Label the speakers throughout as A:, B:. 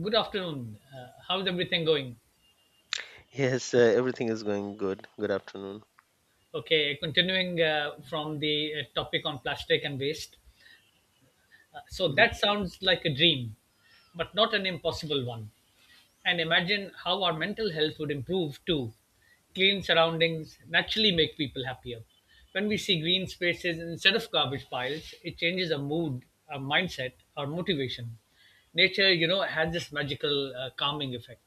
A: Good afternoon. How's everything going?
B: Yes, everything is going good. Good afternoon.
A: Okay, continuing from the topic on plastic and waste. So
B: Mhm.
A: that sounds like a dream, but not an impossible one. And imagine how our mental health would improve too. Clean surroundings naturally make people happier. When we see green spaces instead of garbage piles, it changes our mood, our mindset, our motivation. Nature, you know, has this magical calming effect.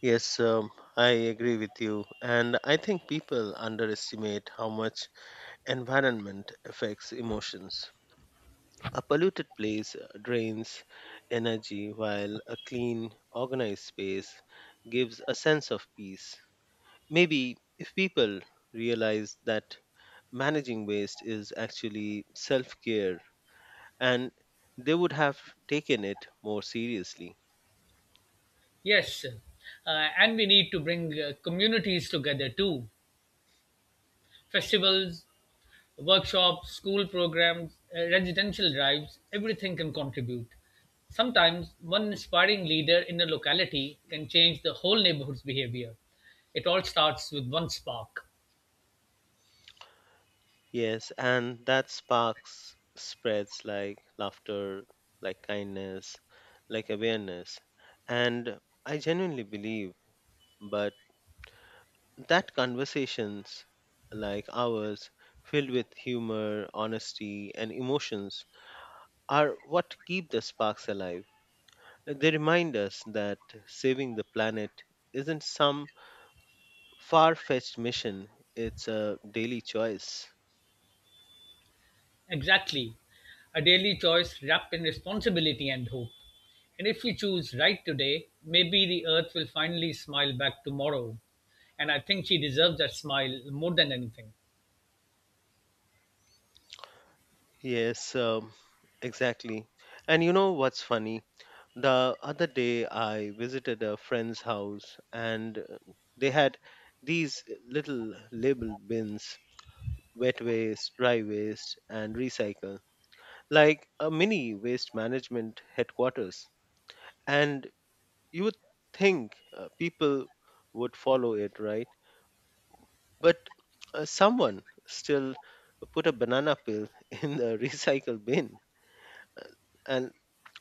B: Yes, I agree with you. And I think people underestimate how much environment affects emotions. A polluted place drains energy, while a clean, organized space gives a sense of peace. Maybe if people realize that managing waste is actually self care, and they would have taken it more seriously.
A: Yes, and we need to bring communities together too. Festivals, workshops, school programs, residential drives, everything can contribute. Sometimes one inspiring leader in a locality can change the whole neighborhood's behavior. It all starts with one spark.
B: Yes, and that sparks spreads like laughter, like kindness, like awareness. And I genuinely believe, but that conversations like ours, filled with humor, honesty, and emotions, are what keep the sparks alive. They remind us that saving the planet isn't some far fetched mission, it's a daily choice.
A: Exactly. A daily choice wrapped in responsibility and hope. And if we choose right today, maybe the earth will finally smile back tomorrow. And I think she deserves that smile more than anything.
B: Yes, exactly. And you know what's funny? The other day I visited a friend's house and they had these little label bins wet waste, dry waste, and recycle like a mini waste management headquarters. And you would think people would follow it, right? But someone still put a banana peel in the recycle bin. Uh, and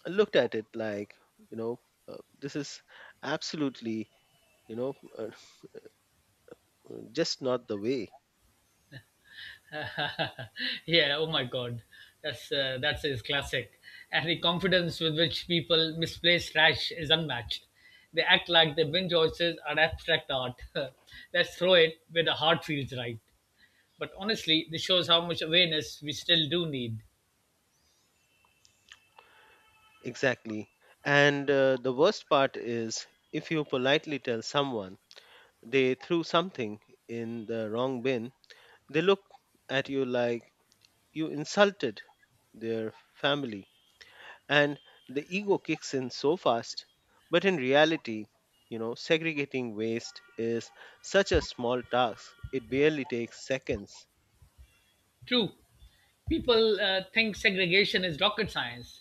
B: I looked at it like you know this is absolutely you know uh, just not the way.
A: Yeah, oh my god. That's his classic. And the confidence with which people misplace trash is unmatched. They act like their bin choices are abstract art. Let's throw it where the heart feels right. But honestly, this shows how much awareness we still do need.
B: Exactly. And the worst part is, if you politely tell someone they threw something in the wrong bin, they look at you like you insulted their family, and the ego kicks in so fast. But in reality, you know, segregating waste is such a small task, it barely takes seconds.
A: True. People think segregation is rocket science.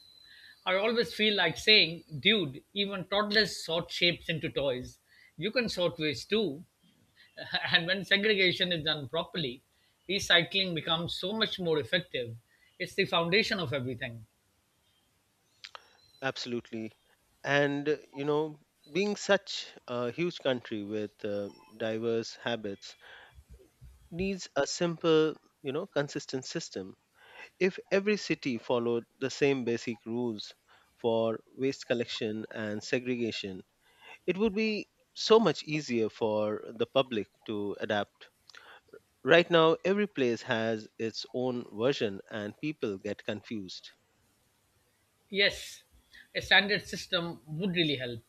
A: I always feel like saying, dude, even toddlers sort shapes into toys. You can sort waste too. And when segregation is done properly, recycling becomes so much more effective. It's the foundation of everything.
B: Absolutely. And, you know, being such a huge country with diverse habits needs a simple, you know, consistent system. If every city followed the same basic rules for waste collection and segregation, it would be so much easier for the public to adapt. Right now, every place has its own version and people get confused.
A: Yes, a standard system would really help.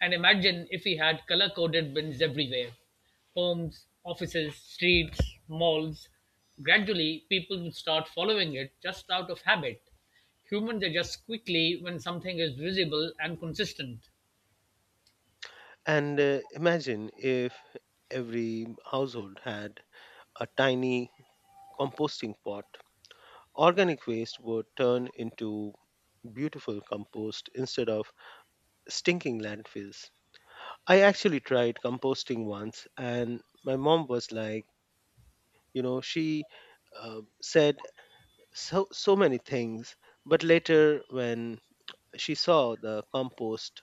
A: And imagine if we had color coded bins everywhere, homes, offices, streets, malls. Gradually, people would start following it just out of habit. Humans adjust quickly when something is visible and consistent.
B: And imagine if every household had a tiny composting pot. Organic waste would turn into beautiful compost instead of stinking landfills. I actually tried composting once, and my mom was like, you know, she said so many things, but later when she saw the compost,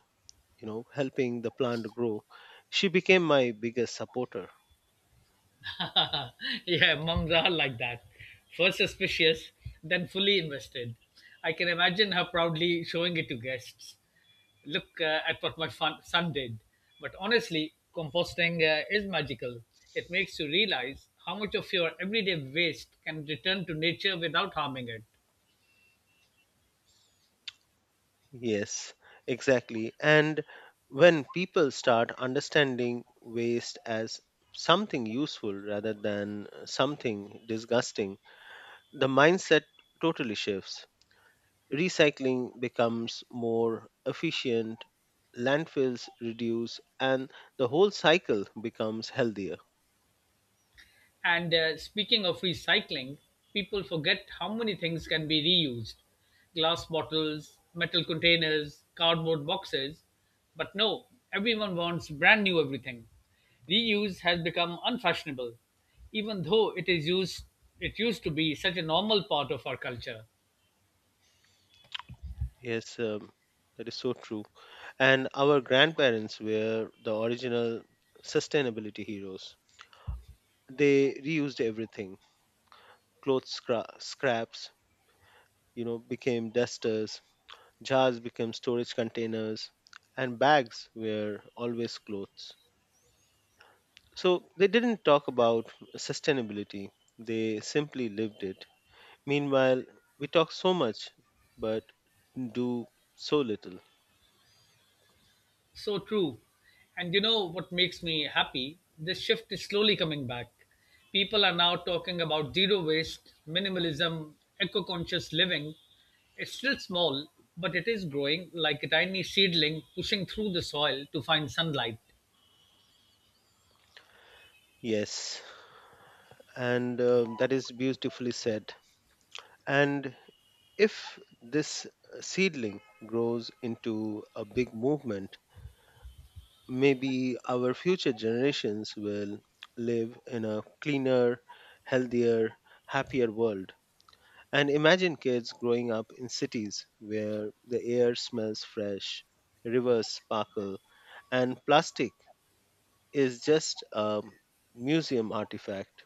B: you know, helping the plant grow, she became my biggest supporter.
A: Yeah, moms are like that. First suspicious, then fully invested. I can imagine her proudly showing it to guests. Look at what my fun, son did. But honestly, composting is magical. It makes you realize how much of your everyday waste can return to nature without harming it.
B: Yes, exactly. And when people start understanding waste as something useful rather than something disgusting, the mindset totally shifts. Recycling becomes more efficient, landfills reduce, and the whole cycle becomes healthier.
A: And speaking of recycling, people forget how many things can be reused, glass bottles, metal containers, cardboard boxes. But no, everyone wants brand new everything. Reuse has become unfashionable, even though it used to be such a normal part of our culture.
B: Yes, that is so true. And our grandparents were the original sustainability heroes. They reused everything, cloth scraps, you know, became dusters, jars became storage containers, and bags were always clothes. So they didn't talk about sustainability, they simply lived it. Meanwhile, we talk so much, but do so little.
A: So true. And you know what makes me happy? This shift is slowly coming back. People are now talking about zero waste, minimalism, eco conscious living. It's still small, but it is growing like a tiny seedling pushing through the soil to find sunlight.
B: Yes, and that is beautifully said. And if this seedling grows into a big movement, maybe our future generations will live in a cleaner, healthier, happier world. And imagine kids growing up in cities where the air smells fresh, rivers sparkle, and plastic is just a museum artifact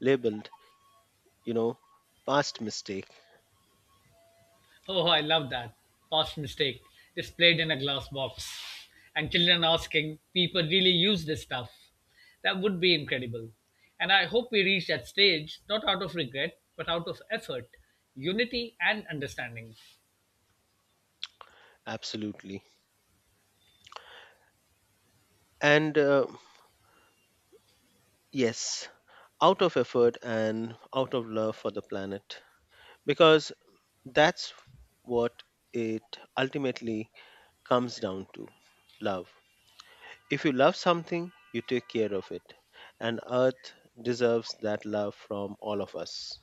B: labeled, you know, past mistake.
A: Oh, I love that. Past mistake displayed in a glass box. And children asking, people really use this stuff. That would be incredible. And I hope we reach that stage, not out of regret, but out of effort, unity, and understanding.
B: Absolutely. And yes, out of effort and out of love for the planet. Because that's what it ultimately comes down to, love. If you love something, you take care of it. And Earth deserves that love from all of us.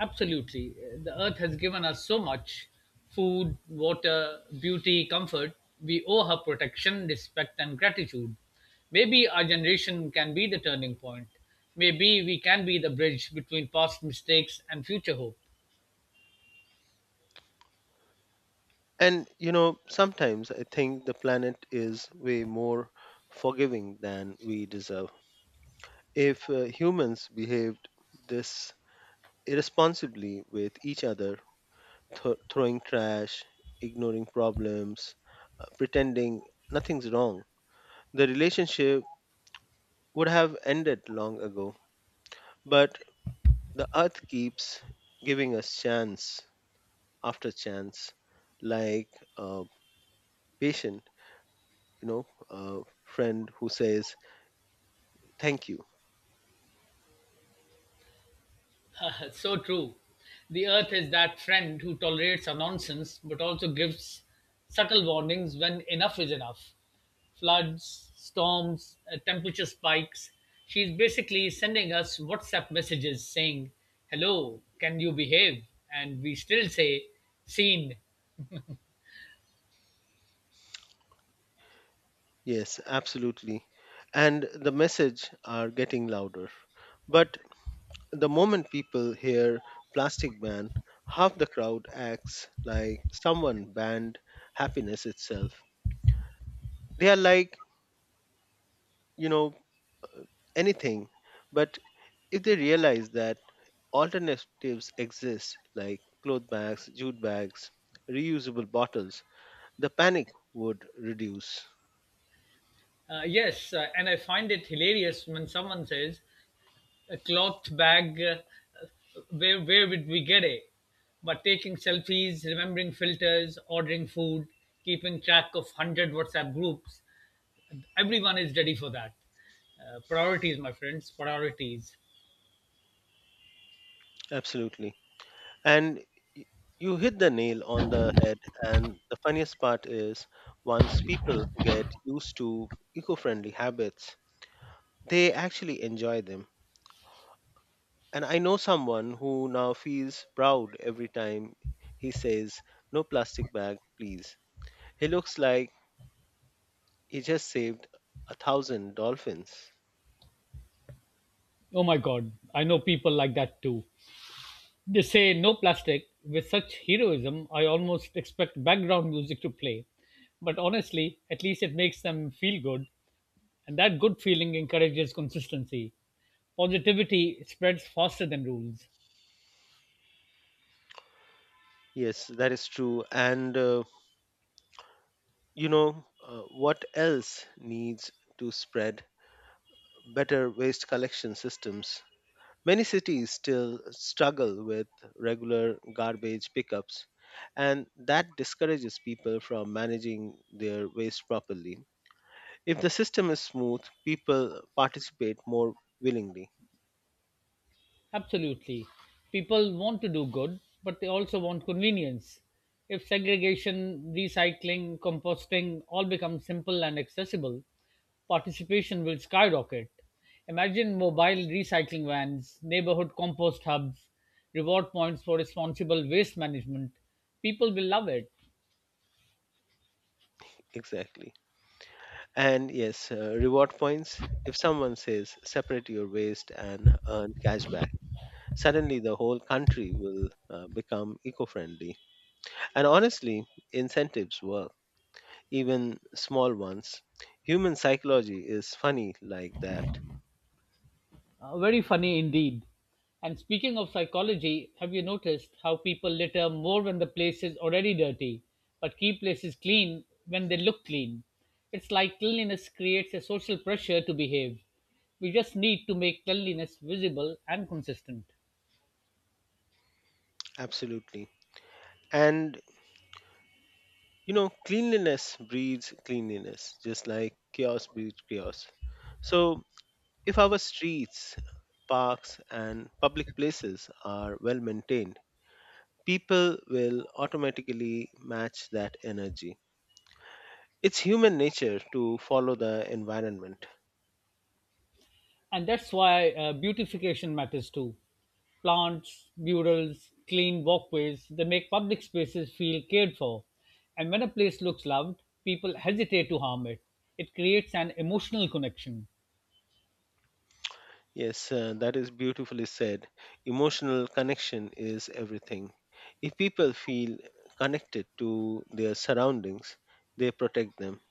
A: Absolutely. The earth has given us so much, food, water, beauty, comfort. We owe her protection, respect, and gratitude. Maybe our generation can be the turning point. Maybe we can be the bridge between past mistakes and future hope.
B: And you know, sometimes I think the planet is way more forgiving than we deserve. If humans behaved this irresponsibly with each other, throwing trash, ignoring problems, pretending nothing's wrong, the relationship would have ended long ago. But the earth keeps giving us chance after chance, like a patient, you know, a friend who says, thank you.
A: That's so true. The earth is that friend who tolerates our nonsense but also gives subtle warnings when enough is enough. Floods, storms, temperature spikes. She's basically sending us WhatsApp messages saying, hello, can you behave? And we still say, seen.
B: Yes, absolutely. And the message are getting louder. But the moment people hear plastic ban, half the crowd acts like someone banned happiness itself. They are like, you know, anything. But if they realize that alternatives exist, like cloth bags, jute bags, reusable bottles, the panic would reduce.
A: Yes, and I find it hilarious when someone says, a cloth bag. Uh, where would we get it? But taking selfies, remembering filters, ordering food, keeping track of 100 WhatsApp groups. Everyone is ready for that. Priorities, my friends, priorities.
B: Absolutely. And y- you hit the nail on the head. And the funniest part is, once people get used to eco friendly habits, they actually enjoy them. And I know someone who now feels proud every time he says, no plastic bag, please. He looks like he just saved a thousand dolphins.
A: Oh my God, I know people like that too. They say no plastic with such heroism. I almost expect background music to play, but honestly, at least it makes them feel good, and that good feeling encourages consistency. Positivity spreads faster than rules.
B: Yes, that is true. And what else needs to spread? Better waste collection systems. Many cities still struggle with regular garbage pickups, and that discourages people from managing their waste properly. If the system is smooth, people participate more willingly.
A: Absolutely. People want to do good, but they also want convenience. If segregation, recycling, composting all become simple and accessible, participation will skyrocket. Imagine mobile recycling vans, neighborhood compost hubs, reward points for responsible waste management. People will love it.
B: Exactly. And yes, reward points. If someone says separate your waste and earn cash back, suddenly the whole country will become eco friendly. And honestly, incentives work, even small ones. Human psychology is funny like that.
A: Very funny indeed. And speaking of psychology, have you noticed how people litter more when the place is already dirty, but keep places clean when they look clean? It's like cleanliness creates a social pressure to behave. We just need to make cleanliness visible and consistent.
B: Absolutely. And you know, cleanliness breeds cleanliness, just like chaos breeds chaos. So if our streets, parks, and public places are well maintained, people will automatically match that energy. It's human nature to follow the environment.
A: And that's why beautification matters too. Plants, murals, clean walkways, they make public spaces feel cared for. And when a place looks loved, people hesitate to harm it. It creates an emotional connection.
B: Yes, that is beautifully said. Emotional connection is everything. If people feel connected to their surroundings, they protect them.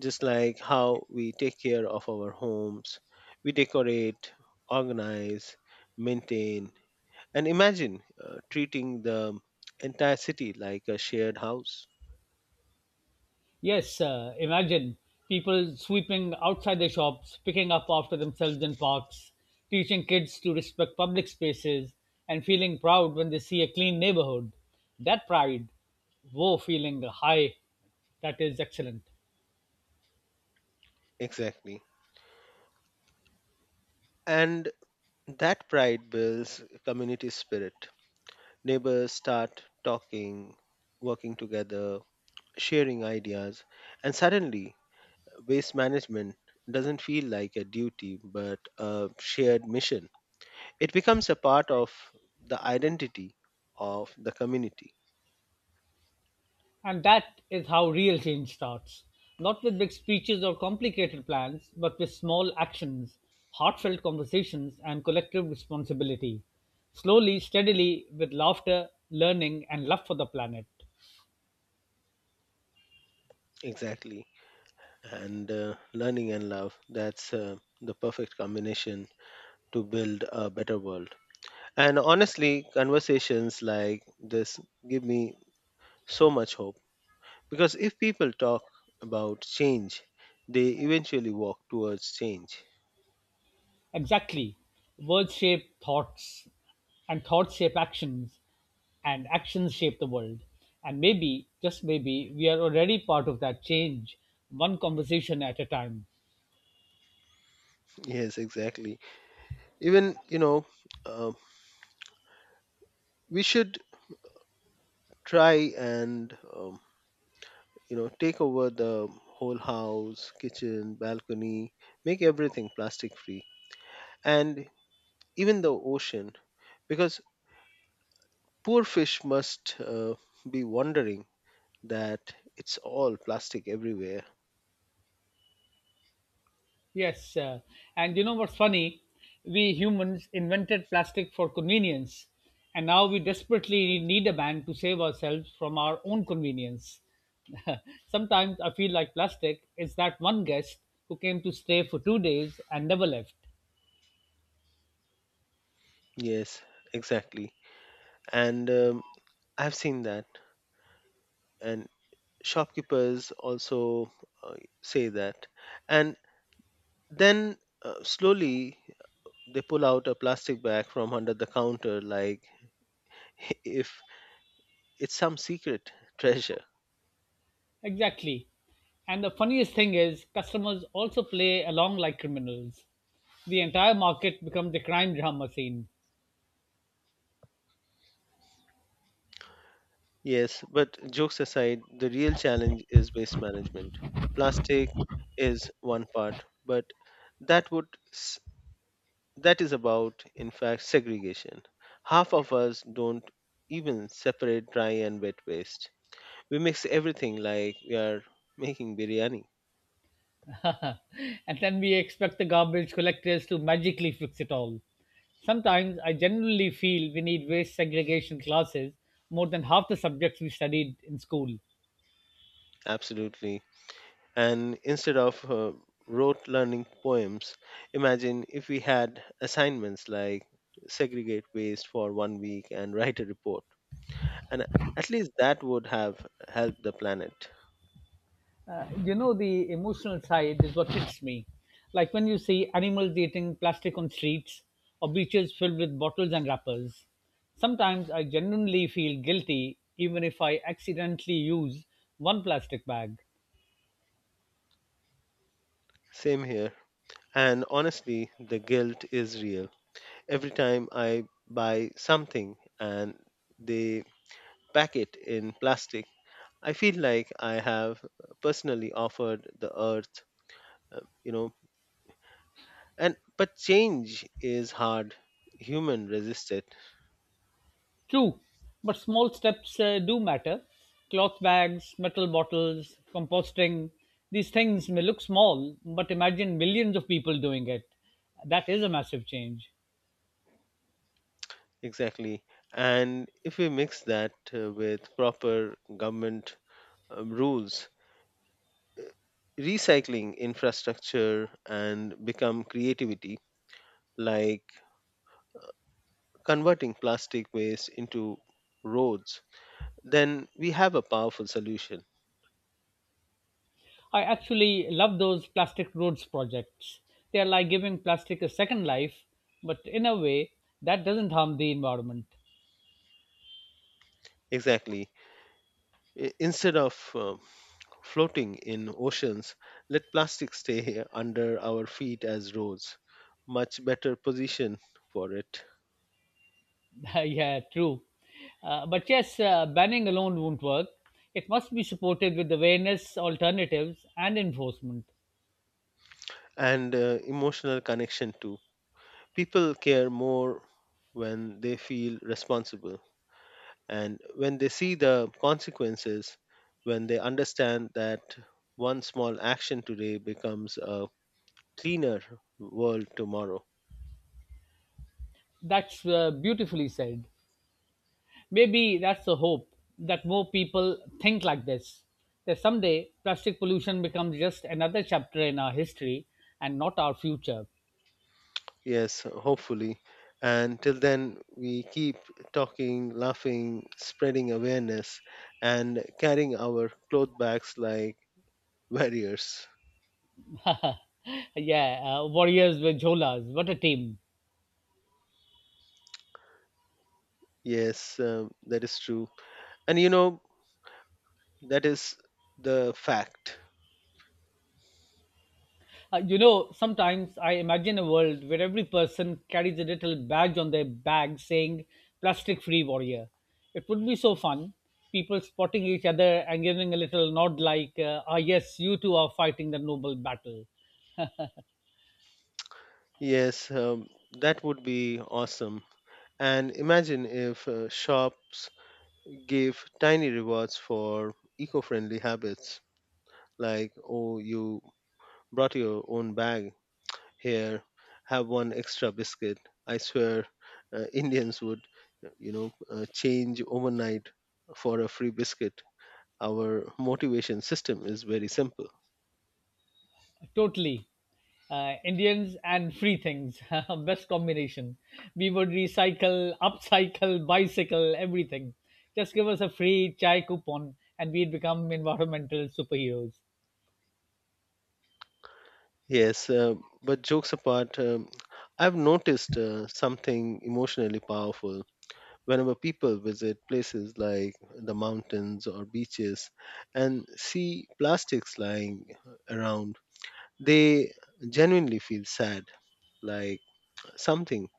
B: Just like how we take care of our homes, we decorate, organize, maintain, and imagine treating the entire city like a shared house.
A: Yes, imagine people sweeping outside their shops, picking up after themselves in parks, teaching kids to respect public spaces, and feeling proud when they see a clean neighborhood. That pride, woe feeling high, that is excellent.
B: Exactly. And that pride builds community spirit. Neighbors start talking, working together, sharing ideas, and suddenly waste management doesn't feel like a duty but a shared mission. It becomes a part of the identity of the community.
A: And that is how real change starts. Not with big speeches or complicated plans, but with small actions, heartfelt conversations, and collective responsibility. Slowly, steadily, with laughter, learning, and love for the planet.
B: Exactly. And learning and love, that's the perfect combination to build a better world. And honestly, conversations like this give me so much hope, because if people talk about change, they eventually walk towards change.
A: Exactly. Words shape thoughts, and thoughts shape actions, and actions shape the world. And maybe, just maybe, we are already part of that change, one conversation at a time.
B: Yes, exactly. Even, you know, um, we should try and, you know, take over the whole house, kitchen, balcony, make everything plastic free, and even the ocean, because poor fish must be wondering that it's all plastic everywhere.
A: Yes, and you know what's funny? We humans invented plastic for convenience, and now we desperately need a ban to save ourselves from our own convenience. Sometimes I feel like plastic is that one guest who came to stay for 2 days and never left.
B: Yes, exactly. And I've seen that. And shopkeepers also uh, say that, and then slowly they pull out a plastic bag from under the counter like if it's some secret treasure.
A: Exactly. And the funniest thing is, customers also play along like criminals. The entire market becomes a crime drama scene.
B: Yes, but jokes aside, the real challenge is waste management. Plastic is one part, but that would s- that is about in fact segregation. Half of us don't even separate dry and wet waste. We mix everything like we are making biryani.
A: And then we expect the garbage collectors to magically fix it all. Sometimes I generally feel we need waste segregation classes more than half the subjects we studied in school.
B: Absolutely. And instead of rote learning poems, imagine if we had assignments like segregate waste for one week and write a report. And at least that would have helped the planet.
A: You know, the emotional side is what hits me. Like when you see animals eating plastic on streets or beaches filled with bottles and wrappers. Sometimes I genuinely feel guilty even if I accidentally use one plastic bag.
B: Same here. And honestly, the guilt is real. Every time I buy something and they pack it in plastic, I feel like I have personally offered the earth, you know. And but change is hard, human resist it.
A: True, but small steps do matter. Cloth bags, metal bottles, composting, these things may look small, but imagine millions of people doing it. That is a massive change.
B: Exactly. And if we mix that with proper government rules, recycling infrastructure and become creativity, like converting plastic waste into roads, then we have a powerful solution.
A: I actually love those plastic roads projects. They are like giving plastic a second life, but in a way that doesn't harm the environment.
B: Exactly. Instead of floating in oceans, let plastic stay here under our feet as roads. Much better position for it.
A: Yeah, true. But yes, banning alone won't work. It must be supported with awareness, alternatives, and enforcement.
B: And emotional connection too. People care more when they feel responsible and when they see the consequences, when they understand that one small action today becomes a cleaner world tomorrow.
A: That's beautifully said. Maybe that's the hope that more people think like this. That someday plastic pollution becomes just another chapter in our history and not our future.
B: Yes, hopefully. And till then, we keep talking, laughing, spreading awareness, and carrying our cloth bags like warriors.
A: Yeah, warriors with jholas. What a team.
B: Yes, that is true. And you know, that is the fact.
A: You know, sometimes I imagine a world where every person carries a little badge on their bag saying plastic free warrior. It would be so fun. People spotting each other and giving a little nod like, ah, yes, you two are fighting the noble battle.
B: Yes, that would be awesome. And imagine if shops gave tiny rewards for eco friendly habits, like, oh, you brought your own bag, here, have one extra biscuit. I swear, Indians would, change overnight for a free biscuit. Our motivation system is very simple.
A: Totally. Indians and free things. Best combination. We would recycle, upcycle, bicycle, everything. Just give us a free chai coupon and we'd become environmental superheroes.
B: Yes, but jokes apart, I've noticed something emotionally powerful whenever people visit places like the mountains or beaches and see plastics lying around. They genuinely feel sad, like something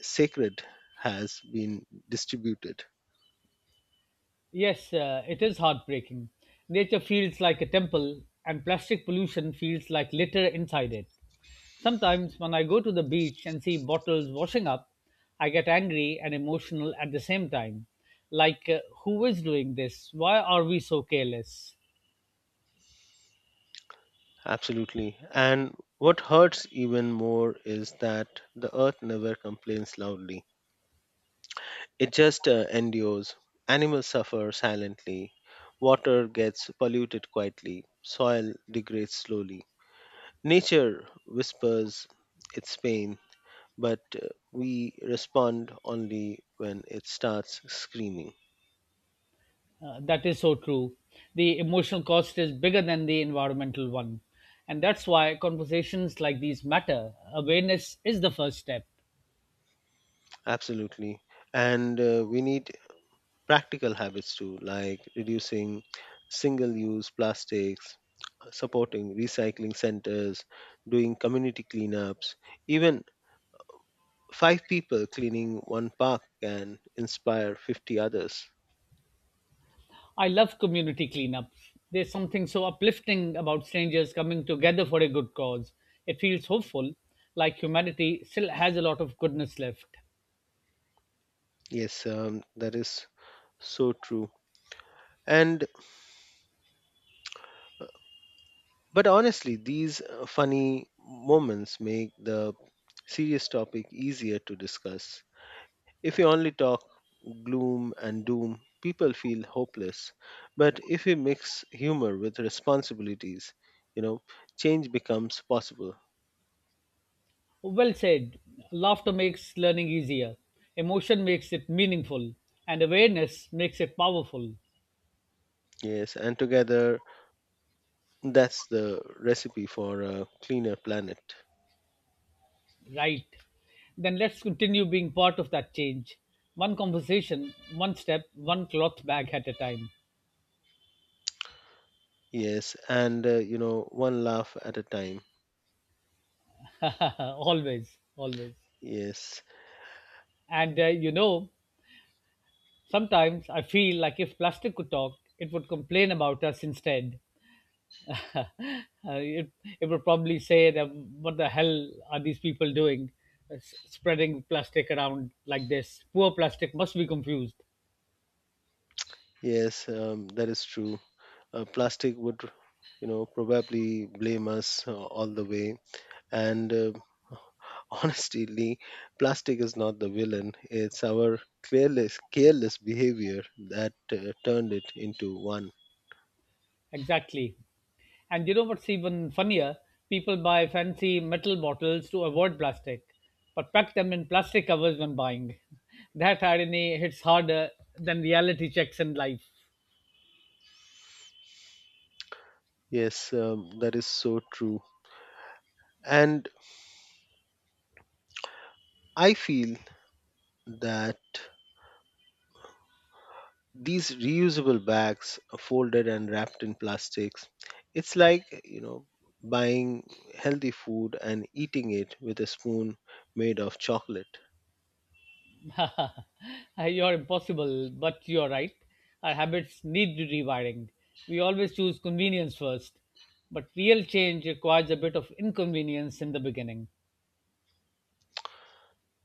B: sacred has been distributed.
A: Yes, it is heartbreaking. Nature feels like a temple, and plastic pollution feels like litter inside it. Sometimes, when I go to the beach and see bottles washing up, I get angry and emotional at the same time. Like, who is doing this? Why are we so careless?
B: Absolutely. And what hurts even more is that the earth never complains loudly. It just endures. Animals suffer silently. Water gets polluted quietly. Soil degrades slowly. Nature whispers its pain, but we respond only when it starts screaming.
A: That is so true. The emotional cost is bigger than the environmental one. And that's why conversations like these matter. Awareness is the first step.
B: Absolutely. And we need practical habits too, like reducing single use plastics, supporting recycling centers, doing community cleanups. Even five people cleaning one park can inspire 50 others.
A: I love community cleanups. There's something so uplifting about strangers coming together for a good cause. It feels hopeful, like humanity still has a lot of goodness left.
B: Yes, that is so true. And but honestly, these funny moments make the serious topic easier to discuss. If we only talk gloom and doom, people feel hopeless. But if we mix humor with responsibilities, you know, change becomes possible.
A: Well said. Laughter makes learning easier, emotion makes it meaningful, and awareness makes it powerful.
B: Yes, and together that's the recipe for a cleaner planet.
A: Right. Then let's continue being part of that change. One conversation, one step, one cloth bag at a time.
B: Yes, and you know, one laugh at a time.
A: Always, always.
B: Yes,
A: And you know, sometimes I feel like if plastic could talk, it would complain about us instead. Uh, it, it would probably say that what the hell are these people doing, spreading plastic around like this? Poor plastic must be confused.
B: yes, that is true. Plastic would, you know, probably blame us all the way, and honestly, plastic is not the villain. It's our careless behavior that turned it into one.
A: Exactly. And you know what's even funnier? People buy fancy metal bottles to avoid plastic, but pack them in plastic covers when buying. That irony hits harder than reality checks in life.
B: Yes, that is so true. And I feel that these reusable bags are folded and wrapped in plastics, it's like, you know, buying healthy food and eating it with a spoon made of chocolate.
A: You're impossible, but you're right. Our habits need rewiring. We always choose convenience first, but real change requires a bit of inconvenience in the beginning.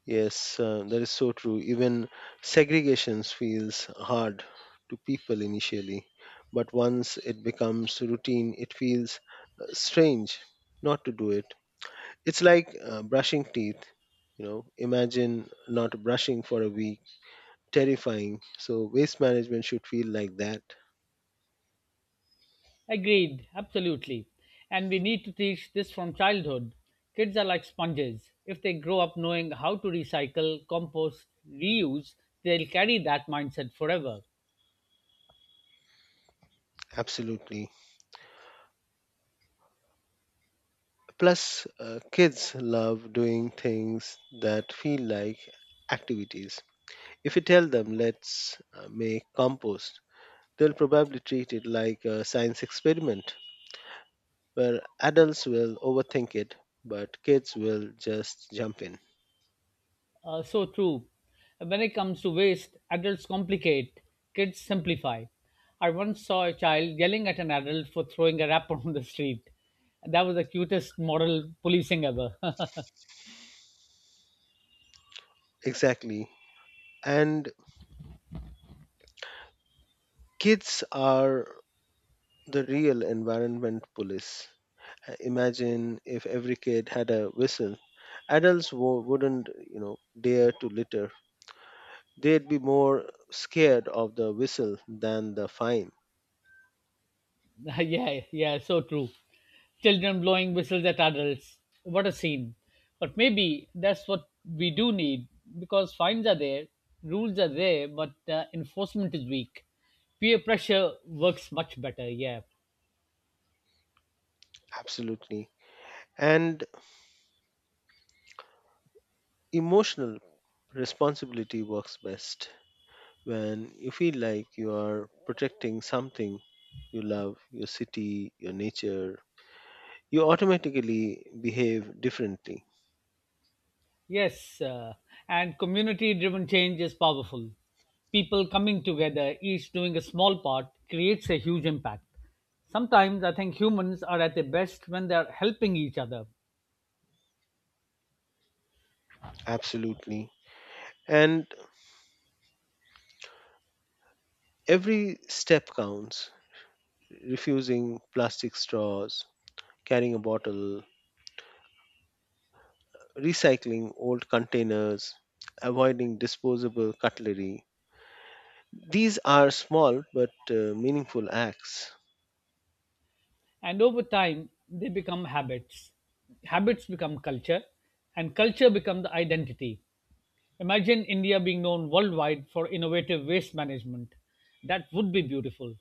B: Yes, that is so true. Even segregation feels hard to people initially, but once it becomes routine, it feels strange not to do it. It's like brushing teeth. You know, imagine not brushing for a week. Terrifying. So, waste management should feel like that.
A: Agreed, absolutely. And we need to teach this from childhood. Kids are like sponges. If they grow up knowing how to recycle, compost, reuse, they'll carry that mindset forever.
B: Absolutely. Plus, kids love doing things that feel like activities. If you tell them, let's make compost, they'll probably treat it like a science experiment where adults will overthink it, but kids will just jump in.
A: So true. When it comes to waste, adults complicate, kids simplify. I once saw a child yelling at an adult for throwing a wrapper on the street. That was the cutest moral policing ever.
B: Exactly. And kids are the real environment police. Imagine if every kid had a whistle. Adults wouldn't, you know, dare to litter. They'd be more scared of the whistle than the fine.
A: Yeah, yeah, so true. Children blowing whistles at adults. What a scene. But maybe that's what we do need because fines are there, rules are there, but enforcement is weak. Peer pressure works much better, yeah.
B: Absolutely. And emotional responsibility works best. When you feel like you are protecting something you love, your city, your nature, you automatically behave differently.
A: Yes, and community driven change is powerful. People coming together, each doing a small part, creates a huge impact. Sometimes I think humans are at their best when they're helping each other.
B: Absolutely. And every step counts. Refusing plastic straws, carrying a bottle, recycling old containers, avoiding disposable cutlery. These are small but meaningful acts.
A: And over time, they become habits. Habits become culture, and culture become the identity. Imagine India being known worldwide for innovative waste management. That would be beautiful.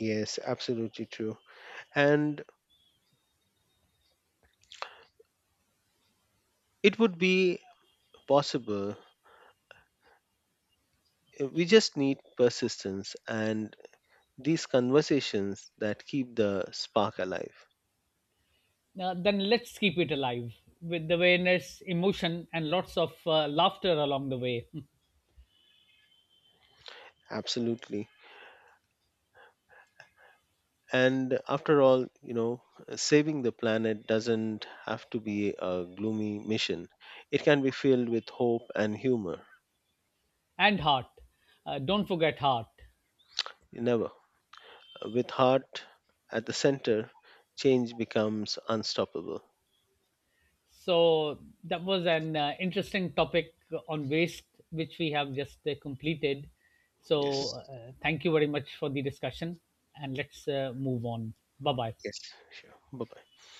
B: Yes, absolutely true. And it would be possible. We just need persistence and these conversations that keep the spark alive.
A: Now, then let's keep it alive with awareness, emotion, and lots of laughter along the way,
B: Absolutely. And after all, you know, saving the planet doesn't have to be a gloomy mission. It can be filled with hope and humor.
A: and heart. Don't forget heart.
B: Never. With heart at the center, change becomes unstoppable.
A: So that was an interesting topic on waste, which we have just completed.
B: Yes.
A: So thank you very much for the discussion, and let's move on. Bye bye.
B: Yes. Sure. Bye bye.